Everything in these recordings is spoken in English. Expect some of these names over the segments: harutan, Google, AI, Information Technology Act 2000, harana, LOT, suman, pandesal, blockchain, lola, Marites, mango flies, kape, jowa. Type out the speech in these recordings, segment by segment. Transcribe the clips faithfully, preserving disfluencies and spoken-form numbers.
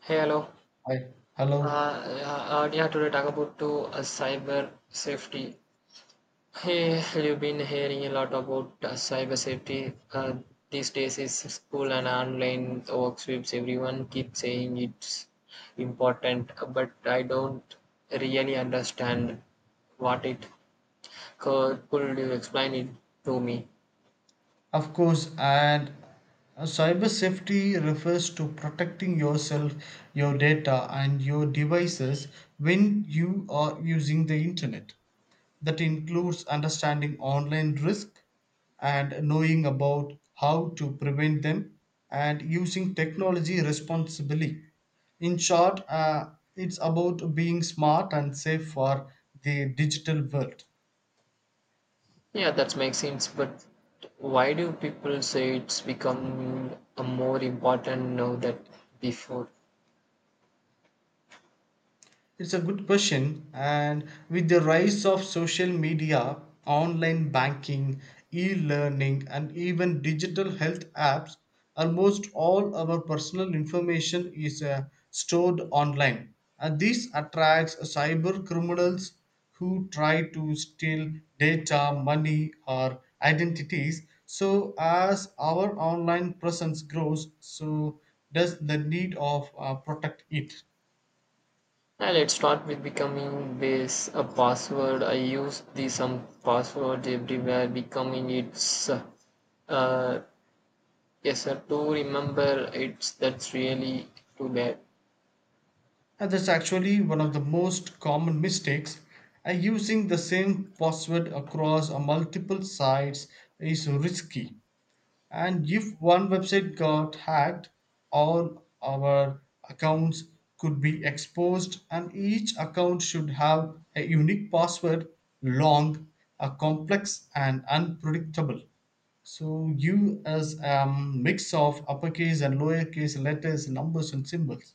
Hey, hello. Hi. Uh, Hello. Uh, uh, yeah, today talk about to uh, cyber safety. Hey, you've been hearing a lot about uh, cyber safety. Uh, these days is school and online workshops. Everyone keeps saying it's important, but I don't really understand what it. Could, could you explain it to me? Of course, and uh, cyber safety refers to protecting yourself, your data, and your devices when you are using the internet. That includes understanding online risk and knowing about how to prevent them and using technology responsibly. In short, uh, it's about being smart and safe for the digital world. Yeah, that makes sense. But why do people say it's become uh, more important now than before? It's a good question, and with the rise of social media, online banking, e learning, and even digital health apps, almost all our personal information is uh, stored online. And this attracts cyber criminals who try to steal data, money, or identities. So, as our online presence grows, so does the need of uh, protect it. Now let's start with becoming base a password. I use the some password everywhere. Becoming it's uh, yes sir to remember it's that's really too bad. And that's actually one of the most common mistakes. And using the same password across uh, multiple sites is risky. And if one website got hacked, all our accounts could be exposed, and each account should have a unique password, long, uh, complex, and unpredictable. So, you as a mix of uppercase and lowercase letters, numbers, and symbols.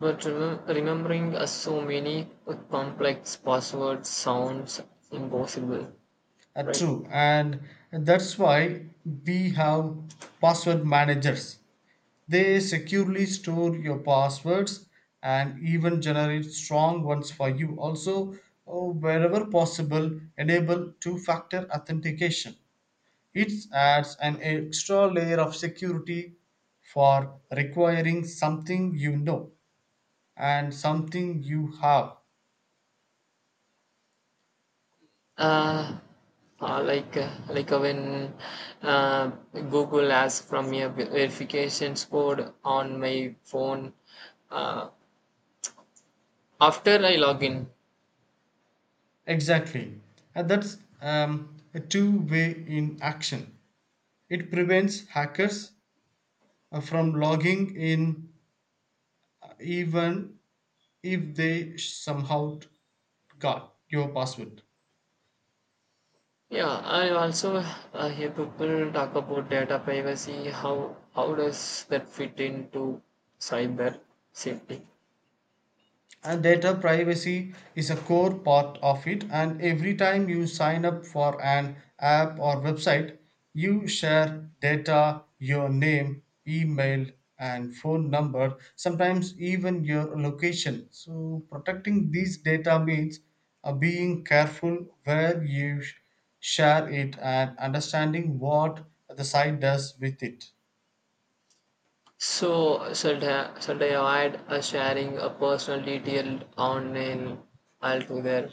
But remem- remembering uh, so many complex passwords sounds impossible, Uh, right? True, and that's why we have password managers. They securely store your passwords and even generate strong ones for you. Also, oh, wherever possible, enable two factor authentication. It adds an extra layer of security for requiring something you know and something you have. Uh, uh, like uh, like uh, when uh, Google asks from me a verification code on my phone. Uh, After I log in, Exactly. And that's um, a two way in action. It prevents hackers uh, from logging in even if they somehow got your password. yeah, I also uh, hear people talk about data privacy. How how does that fit into cyber safety? And data privacy is a core part of it, and every time you sign up for an app or website you share data, your name, email, and phone number, sometimes even your location. So protecting these data means uh, being careful where you sh- share it and understanding what the site does with it. So should I, should I avoid uh, sharing a personal detail online altogether?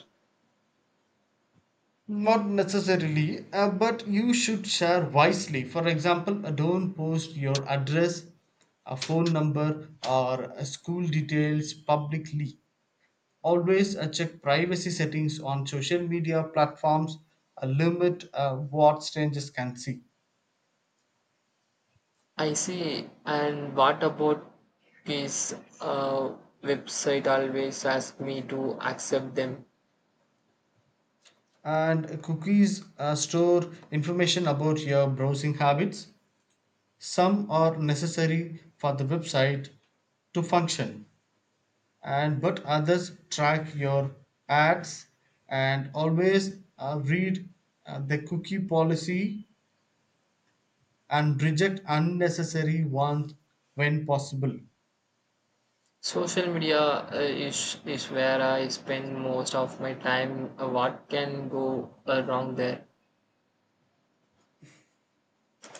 Not necessarily, uh, but you should share wisely. For example, uh, don't post your address, a phone number, or uh, school details publicly. Always uh, check privacy settings on social media platforms, uh, limit uh, what strangers can see. I see. And what about these uh, website always ask me to accept them? And cookies uh, store information about your browsing habits. Some are necessary for the website to function, and but others track your ads. And always uh, read uh, the cookie policy and reject unnecessary ones when possible. Social media uh, is is where I spend most of my time. Uh, what can go uh, wrong there?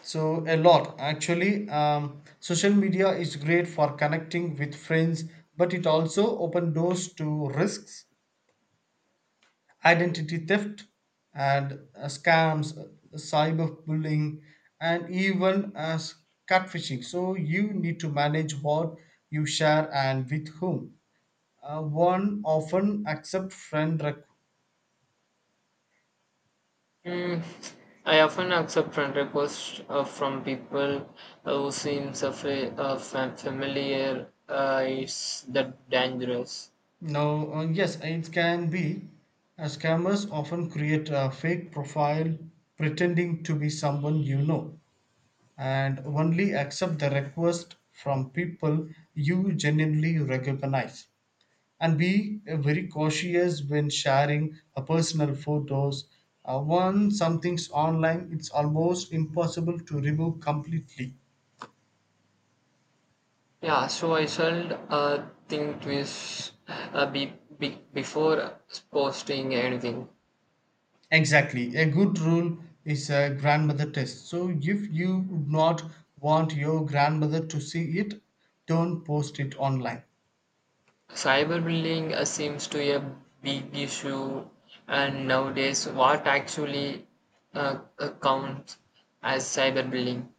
So a lot, actually. Um, social media is great for connecting with friends but it also open doors to risks: identity theft and uh, scams, uh, cyberbullying, and even as catfishing. So you need to manage what you share and with whom. Uh, one often accept friend requ- Mm, I often accept friend requests uh, from people uh, who seems uh, fa- uh, fam- familiar. Uh, is that dangerous? now uh, yes, it can be. Uh, scammers often create a fake profile pretending to be someone you know. And only accept the request from people you genuinely recognize, and be uh, very cautious when sharing a personal photos. Uh, once something's online, it's almost impossible to remove completely. Yeah, so I should uh, think twice uh, be, be, before posting anything. Exactly, a good rule is a grandmother test. So if you would not want your grandmother to see it, don't post it online. Cyberbullying uh, seems to be a big issue, and nowadays, what actually uh, uh, counts as cyberbullying?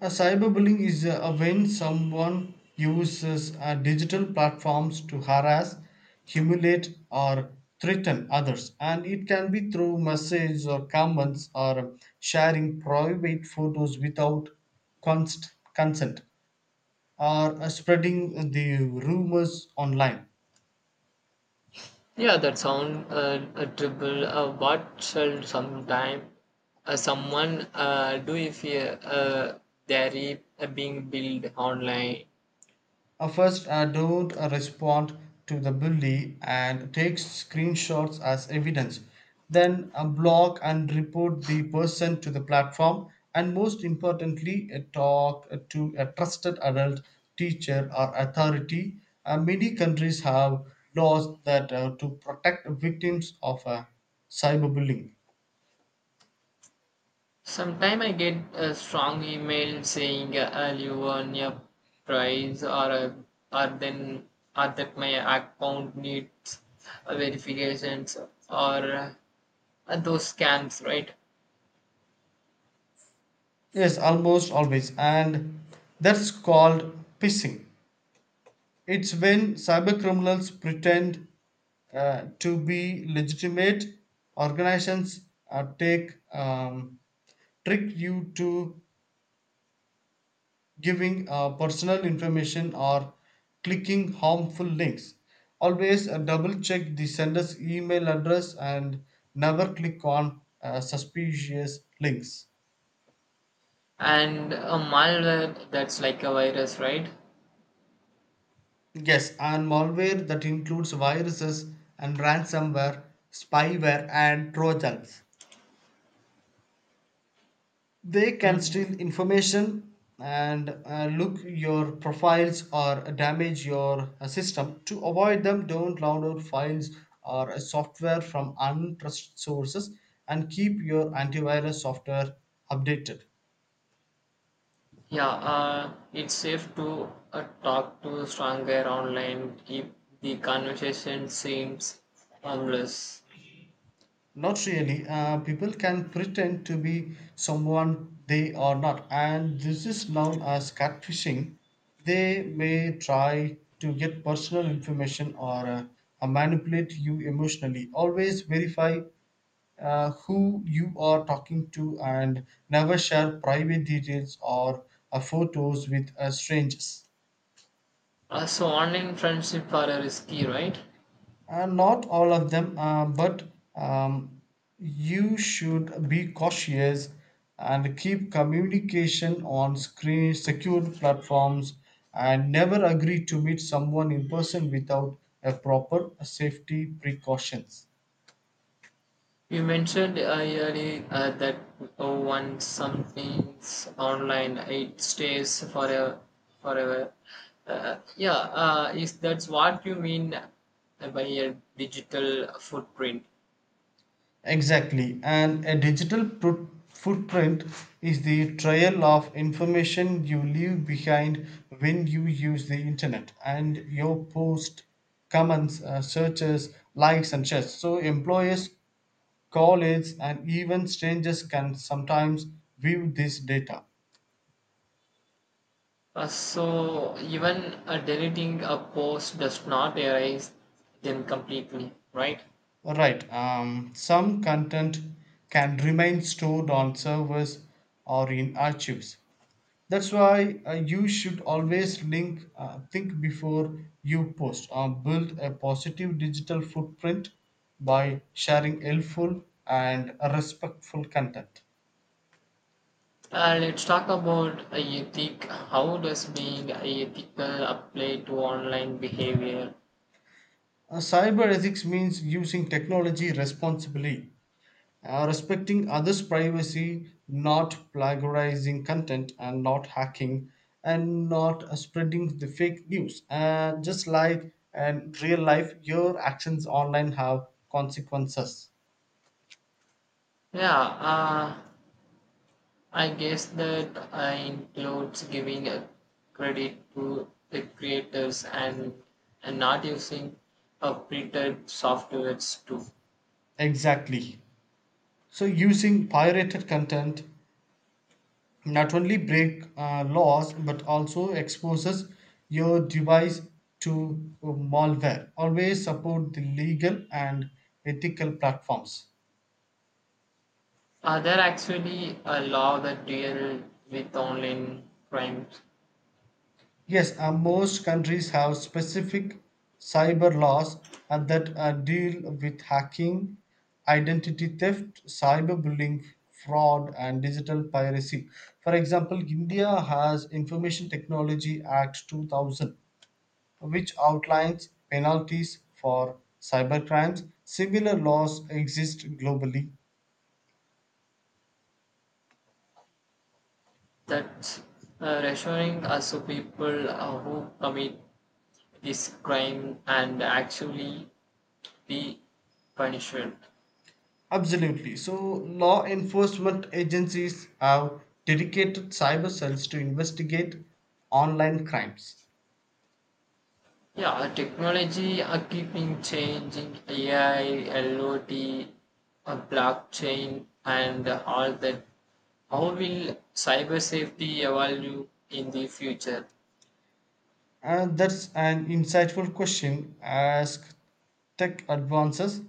A cyberbullying is uh, when someone uses uh, digital platforms to harass, humiliate, or threaten others, and it can be through messages or comments or sharing private photos without const- consent or uh, spreading the rumors online. Yeah, that sound uh, a dribble. Uh, what shall sometime uh, someone uh, do if uh, uh, they're uh, being billed online? Uh, first, uh, don't uh, respond to the bully and take screenshots as evidence. Then, uh, block and report the person to the platform. And most importantly, uh, talk uh, to a trusted adult, teacher, or authority. Uh, many countries have laws that uh, to protect victims of uh, cyberbullying. Sometime I get a strong email saying uh, "I'll you earn a prize or a, or then or that my account needs uh, verifications or uh, those scams, right? Yes, almost always, and that's called pissing. It's when cybercriminals pretend uh, to be legitimate organizations uh, take um, trick you to giving uh, personal information or clicking harmful links. Always uh, double check the sender's email address and never click on uh, suspicious links. And a malware that's like a virus, right? Yes, and malware that includes viruses and ransomware, spyware, and trojans. They can Hmm. steal information and uh, look your profiles or damage your uh, system. To avoid them, don't download files or uh, software from untrusted sources and keep your antivirus software updated. Yeah, uh, it's safe to uh, talk to stronger online if the conversation seems harmless. Not really. Uh, people can pretend to be someone they are not, and this is known as catfishing. They may try to get personal information or uh, uh, manipulate you emotionally. Always verify uh, who you are talking to and never share private details or uh, photos with uh, strangers. Uh, so online friendship are uh, risky, right? Uh, not all of them, uh, but um, you should be cautious and keep communication on screen, secure platforms, and never agree to meet someone in person without a proper safety precautions. You mentioned earlier uh, that uh, once something's online, it stays forever. Forever. Uh, yeah, uh, is that's what you mean by a digital footprint? Exactly, and a digital pro- footprint is the trail of information you leave behind when you use the internet: and your post, comments, uh, searches, likes, and shares. So, employers, colleagues, and even strangers can sometimes view this data. Uh, so even uh, deleting a post does not erase them completely, right? Right, um, some content can remain stored on servers or in archives. That's why uh, you should always link, uh, think before you post, or build a positive digital footprint by sharing helpful and respectful content. Uh, let's talk about uh, ethic. How does being ethical apply to online behavior? Uh, cyber ethics means using technology responsibly, uh, respecting others' privacy, not plagiarizing content, and not hacking, and not uh, spreading the fake news. Uh, just like in real life, your actions online have consequences. Yeah, uh, I guess that uh, includes giving a credit to the creators and, and not using a printed softwares too. Exactly. So using pirated content not only break uh, laws but also exposes your device to uh, malware. Always support the legal and ethical platforms. Are there actually a law that deal with online crimes Yes, uh, most countries have specific cyber laws uh, that uh, deal with hacking, identity theft, cyberbullying, fraud, and digital piracy. For example, India has Information Technology Act two thousand, which outlines penalties for cybercrimes. Similar laws exist globally. that's uh, reassuring us to people uh, who commit this crime and actually be punished? Absolutely. So, law enforcement agencies have dedicated cyber cells to investigate online crimes. Yeah, uh, technology are keeping changing. A I, L O T, uh, blockchain, and uh, all that. How will cyber safety evolve in the future? And that's an insightful question. As tech advances,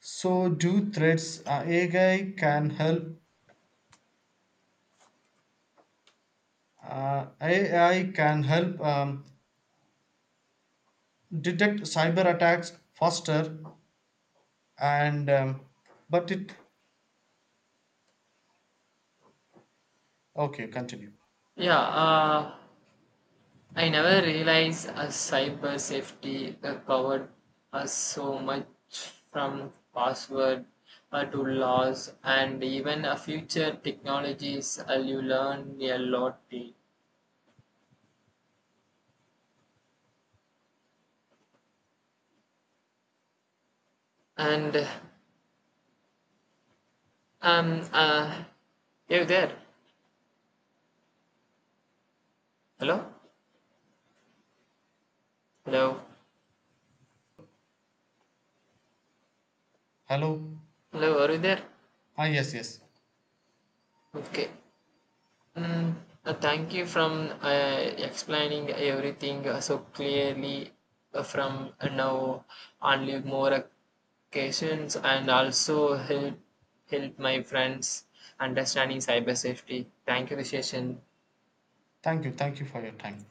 so do threats. Uh, A I can help? Uh, A I can help um, detect cyber attacks faster, and um, but it okay. Continue. Yeah, uh, I never realized uh, cyber safety uh, covered us so much from password uh, to laws and even uh, future technologies. Uh, you learn a lot, eh? And Um, uh, you there? Hello? Hello? Hello. Hello, are you there? Ah, yes, yes. Okay. Mm, uh, thank you from uh, explaining everything uh, so clearly uh, from uh, now only more occasions and also help help my friends understanding cyber safety. Thank you, Visheshan. Thank you thank you for your time.